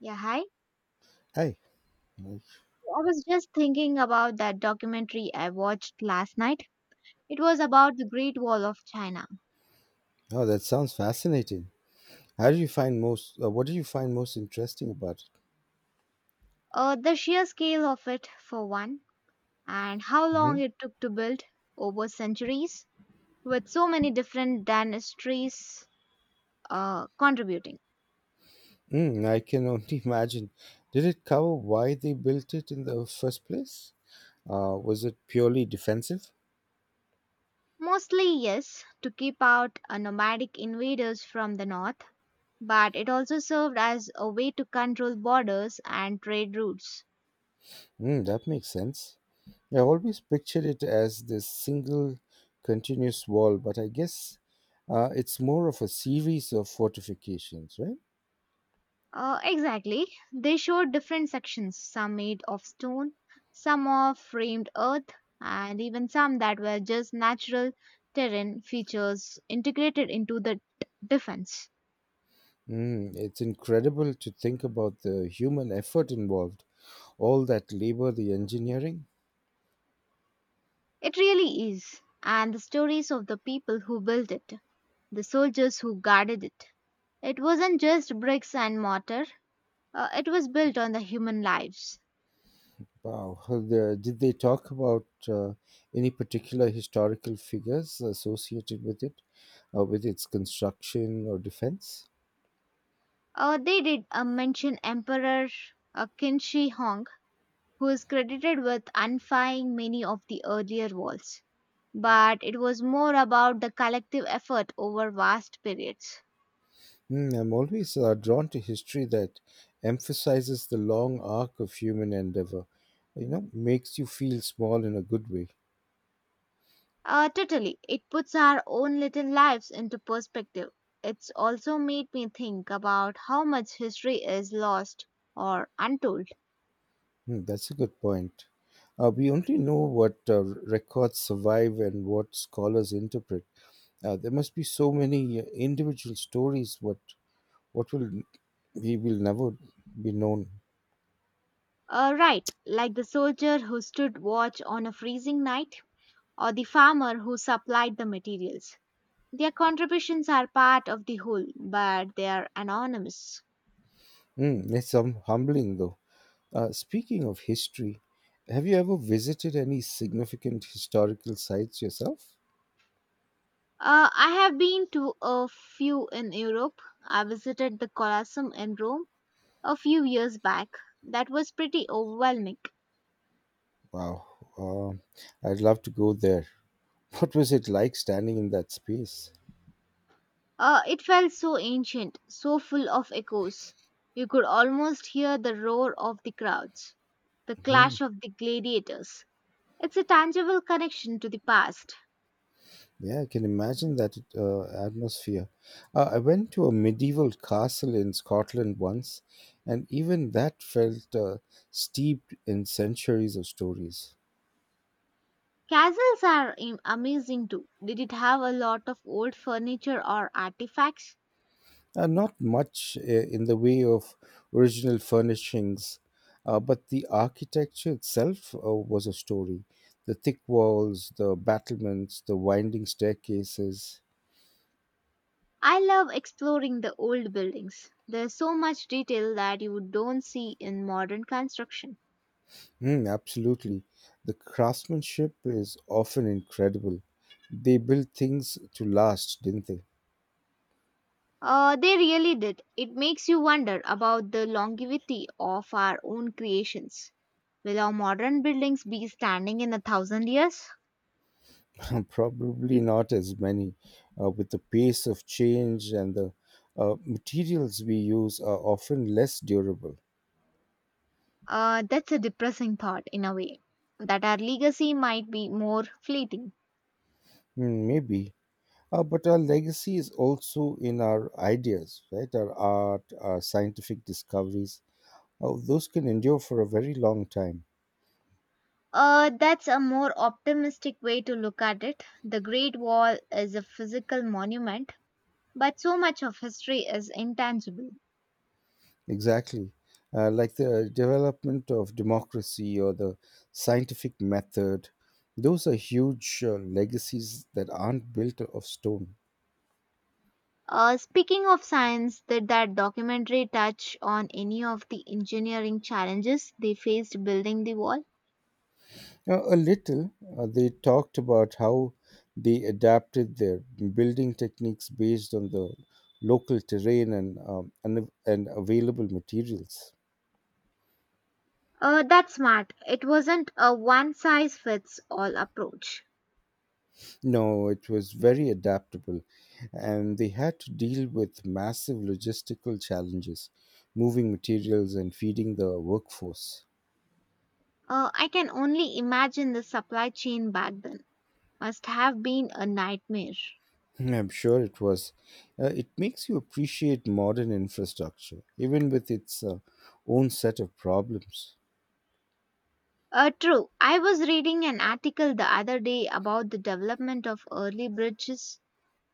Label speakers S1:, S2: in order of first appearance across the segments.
S1: Yeah, hi.
S2: Hi. Nice.
S1: So, I was just thinking about that documentary I watched last night. It was about the Great Wall of China.
S2: Oh, that sounds fascinating. How do you find most? What do you find most interesting about it?
S1: The sheer scale of it, for one, and how long
S2: hmm
S1: it took to build over centuries, with so many different dynasties contributing.
S2: Mm, I can only imagine. Did it cover why they built it in the first place? Was it purely defensive?
S1: Mostly, yes, to keep out nomadic invaders from the north, but it also served as a way to control borders and trade routes.
S2: Mm, that makes sense. I always pictured it as this single continuous wall, but I guess it's more of a series of fortifications, right?
S1: Exactly. They showed different sections, some made of stone, some of framed earth, and even some that were just natural terrain features integrated into the defense.
S2: Mm, it's incredible to think about the human effort involved. All that labor, the engineering.
S1: It really is. And the stories of the people who built it, the soldiers who guarded it. It wasn't just bricks and mortar, it was built on the human lives.
S2: Wow. Did they talk about any particular historical figures associated with it, with its construction or defense?
S1: They did mention Emperor Qin Shi Huang, who is credited with unifying many of the earlier walls. But it was more about the collective effort over vast periods.
S2: Hmm, I'm always drawn to history that emphasizes the long arc of human endeavor. You know, makes you feel small in a good way.
S1: Totally, it puts our own little lives into perspective. It's also made me think about how much history is lost or untold.
S2: Hmm, that's a good point. We only know what records survive and what scholars interpret. There must be so many individual stories what will we will never be known.
S1: Right, like the soldier who stood watch on a freezing night, or the farmer who supplied the materials. Their contributions are part of the whole, but they are anonymous.
S2: Mm, it's humbling though. Speaking of history, have you ever visited any significant historical sites yourself?
S1: I have been to a few in Europe. I visited the Colosseum in Rome a few years back. That was pretty overwhelming.
S2: Wow, uh, I'd love to go there. What was it like standing in that space?
S1: It felt so ancient, so full of echoes. You could almost hear the roar of the crowds, the
S2: hmm
S1: clash of the gladiators. It's a tangible connection to the past.
S2: Yeah, I can imagine that atmosphere. I went to a medieval castle in Scotland once, and even that felt steeped in centuries of stories.
S1: Castles are amazing too. Did it have a lot of old furniture or artifacts?
S2: Not much in the way of original furnishings, but the architecture itself was a story. The thick walls, the battlements, the winding staircases.
S1: I love exploring the old buildings. There's so much detail that you don't see in modern construction.
S2: Mm, absolutely. The craftsmanship is often incredible. They built things to last, didn't they?
S1: They really did. It makes you wonder about the longevity of our own creations. Will our modern buildings be standing in a thousand years?
S2: Probably not as many. With the pace of change and the materials we use are often less durable.
S1: That's a depressing thought in a way, that our legacy might be more fleeting.
S2: Mm, maybe. But our legacy is also in our ideas, right? Our art, our scientific discoveries. Oh, those can endure for a very long time.
S1: That's a more optimistic way to look at it. The Great Wall is a physical monument, but so much of history is intangible.
S2: Exactly. Like the development of democracy or the scientific method. Those are huge legacies that aren't built of stone.
S1: Speaking of science, did that documentary touch on any of the engineering challenges they faced building the wall?
S2: A little, they talked about how they adapted their building techniques based on the local terrain and available materials.
S1: That's smart. It wasn't a one size fits all approach.
S2: No, it was very adaptable, and they had to deal with massive logistical challenges, moving materials and feeding the workforce.
S1: I can only imagine the supply chain back then. Must have been a nightmare.
S2: Hmm, I'm sure it was. It makes you appreciate modern infrastructure, even with its own set of problems.
S1: True. I was reading an article the other day about the development of early bridges.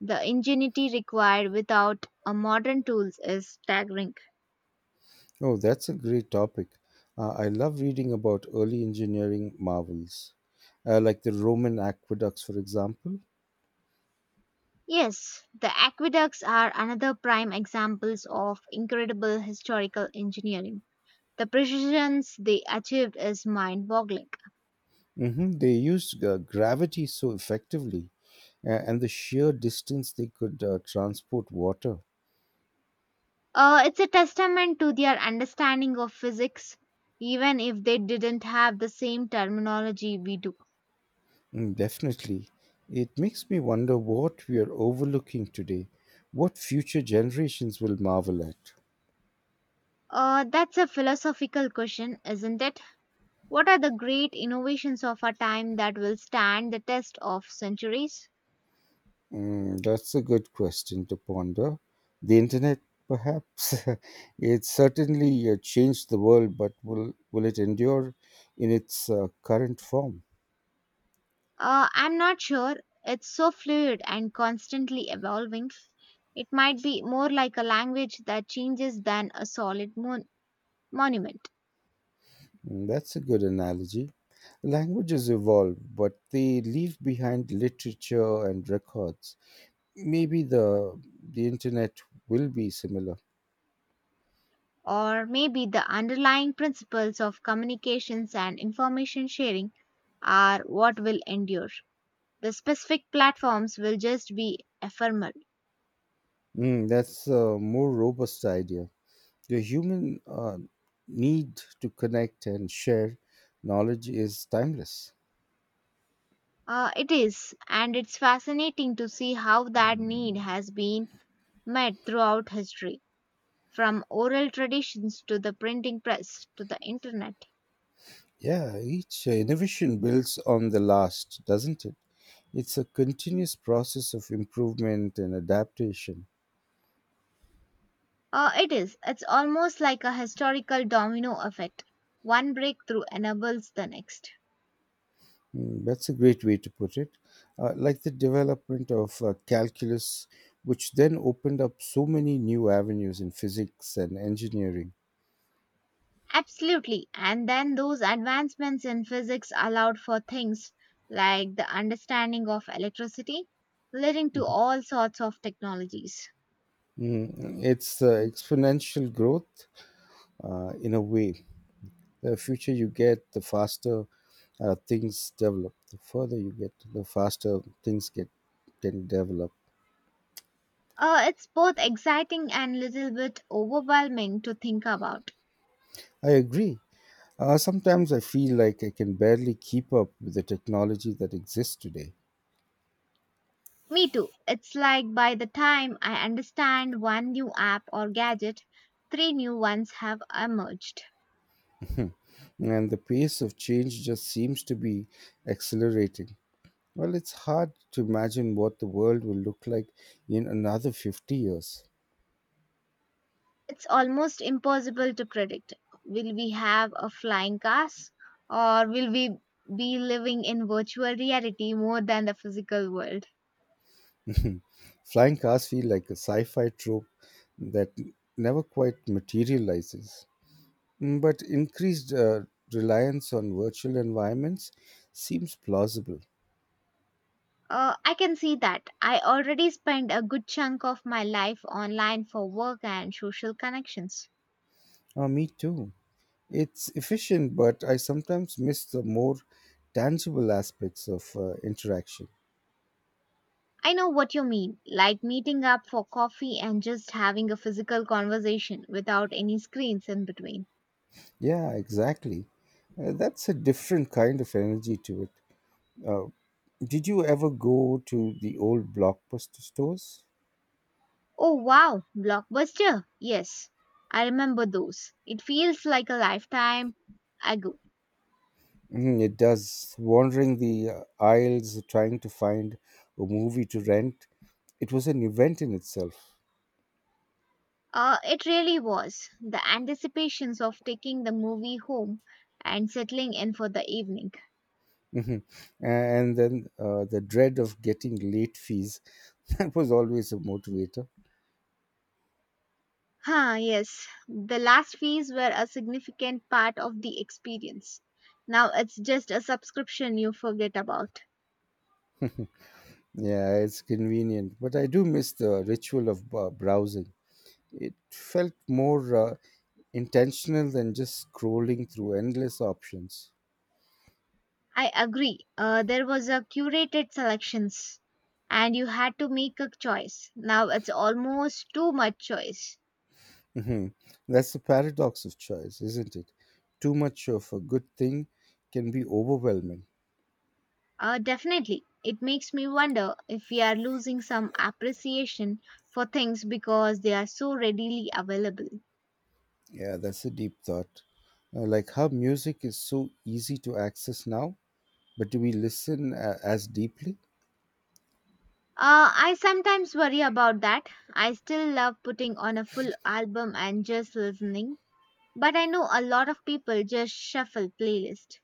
S1: The ingenuity required without a modern tools is staggering.
S2: Oh, that's a great topic. I love reading about early engineering marvels, like the Roman aqueducts, for example.
S1: Yes, the aqueducts are another prime examples of incredible historical engineering. The precisions they achieved is mind-boggling.
S2: They used gravity so effectively and the sheer distance they could transport water.
S1: It's a testament to their understanding of physics, even if they didn't have the same terminology we do.
S2: Mm, definitely. It makes me wonder what we are overlooking today, what future generations will marvel at.
S1: That's a philosophical question, isn't it? What are the great innovations of our time that will stand the test of centuries?
S2: Mm, that's a good question to ponder. The internet, perhaps. It certainly changed the world, but will it endure in its current form?
S1: I'm not sure. It's so fluid and constantly evolving. It might be more like a language that changes than a solid monument,
S2: Mm, that's a good analogy. Languages evolve, but they leave behind literature and records. Maybe the internet will be similar.
S1: or maybe the underlying principles of communications and information sharing are what will endure. The specific platforms will just be ephemeral.
S2: Mm, that's a more robust idea. The human need to connect and share knowledge is timeless.
S1: It is, and it's fascinating to see how that need has been met throughout history, from oral traditions to the printing press to the internet.
S2: Yeah, each innovation builds on the last, doesn't it? It's a continuous process of improvement and adaptation.
S1: It is. It's almost like a historical domino effect. One breakthrough enables the next.
S2: Mm, that's a great way to put it. Like the development of calculus, which then opened up so many new avenues in physics and engineering.
S1: Absolutely. And then those advancements in physics allowed for things like the understanding of electricity, leading to all sorts of technologies.
S2: Mm, it's exponential growth in a way. The future you get, the faster things develop. The further you get, the faster things get can develop.
S1: It's both exciting and little bit overwhelming to think about.
S2: I agree. Sometimes I feel like I can barely keep up with the technology that exists today.
S1: Me too. It's like by the time I understand one new app or gadget, three new ones have emerged.
S2: And the pace of change just seems to be accelerating. Well, it's hard to imagine what the world will look like in another 50 years.
S1: It's almost impossible to predict. Will we have a flying cars, or will we be living in virtual reality more than the physical world?
S2: Flying cars feel like a sci fi trope that never quite materializes. Mm, but increased reliance on virtual environments seems plausible.
S1: I can see that. I already spend a good chunk of my life online for work and social connections.
S2: Oh, me too. It's efficient, but I sometimes miss the more tangible aspects of interaction.
S1: I know what you mean, like meeting up for coffee and just having a physical conversation without any screens in between.
S2: Yeah, exactly. That's a different kind of energy to it. Uh, did you ever go to the old Blockbuster stores?
S1: Oh wow, Blockbuster! Yes, I remember those. It feels like a lifetime ago.
S2: Mm, it does. Wandering the aisles, trying to find a movie to rent, it was an event in itself.
S1: It really was. The anticipations of taking the movie home and settling in for the evening.
S2: Mhm. And then the dread of getting late fees, that was always a motivator.
S1: Huh, yes. The last fees were a significant part of the experience. Now it's just a subscription you forget about.
S2: Yeah, it's convenient, but I do miss the ritual of browsing. It felt more intentional than just scrolling through endless options.
S1: I agree. There was a curated selections and you had to make a choice. Now it's almost too much choice.
S2: hmm That's the paradox of choice, isn't it? Too much of a good thing can be overwhelming.
S1: Definitely. It makes me wonder if we are losing some appreciation for things because they are so readily available.
S2: Yeah, that's a deep thought. Like how music is so easy to access now, but do we listen as deeply?
S1: I sometimes worry about that. I still love putting on a full album and just listening, but I know a lot of people just shuffle playlist.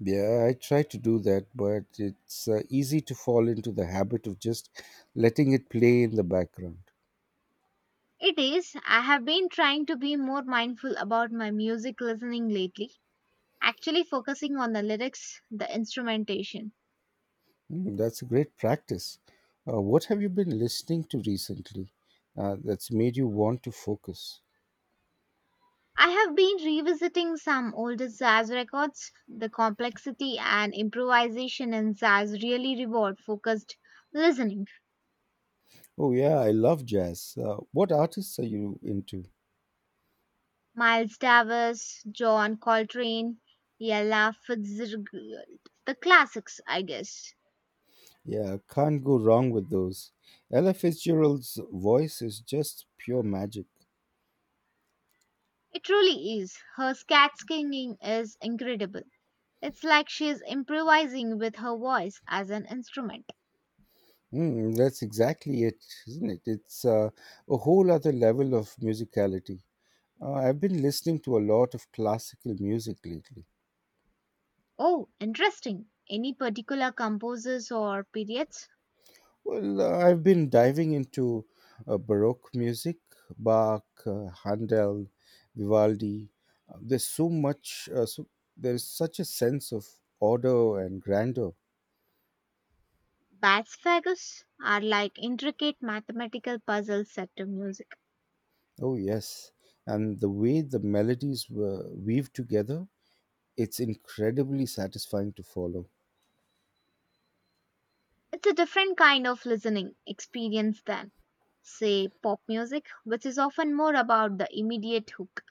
S2: Yeah, I try to do that, but it's easy to fall into the habit of just letting it play in the background.
S1: It is. I have been trying to be more mindful about my music listening lately, actually focusing on the lyrics, the instrumentation.
S2: Mm, that's a great practice. What have you been listening to recently that's made you want to focus?
S1: I have been revisiting some older jazz records. The complexity and improvisation in jazz really reward focused listening.
S2: Oh, yeah, I love jazz. What artists are you into?
S1: Miles Davis, John Coltrane, Ella Fitzgerald, the classics, I guess.
S2: Yeah, can't go wrong with those. Ella Fitzgerald's voice is just pure magic.
S1: It truly is. Her scat singing is incredible. It's like she's improvising with her voice as an instrument.
S2: Mm, that's exactly it, isn't it? It's a whole other level of musicality. I've been listening to a lot of classical music lately.
S1: Oh, interesting. Any particular composers or periods?
S2: Well, I've been diving into Baroque music, Bach, Handel, Vivaldi. There's so much, so, There's such a sense of order and grandeur.
S1: Bach's Fagus are like intricate mathematical puzzles set to music.
S2: Oh, yes. And the way the melodies were weaved together, it's incredibly satisfying to follow.
S1: It's a different kind of listening experience than, say, pop music, which is often more about the immediate hook.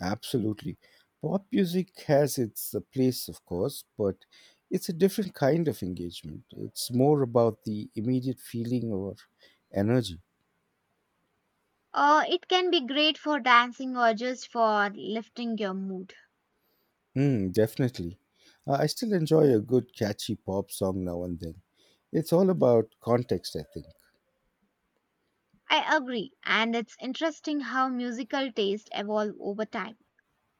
S2: Absolutely. Pop music has its place, of course, but it's a different kind of engagement. It's more about the immediate feeling or energy.
S1: It can be great for dancing or just for lifting your mood.
S2: Mm, definitely. I still enjoy a good catchy pop song now and then. It's all about context, I think.
S1: I agree, and it's interesting how musical taste evolve over time.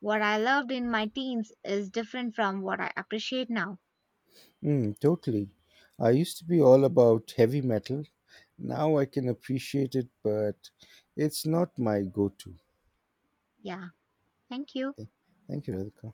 S1: What I loved in my teens is different from what I appreciate now.
S2: Mm, totally. I used to be all about heavy metal. Now I can appreciate it, but it's not my go to.
S1: Yeah, thank you.
S2: Thank you, Radhika.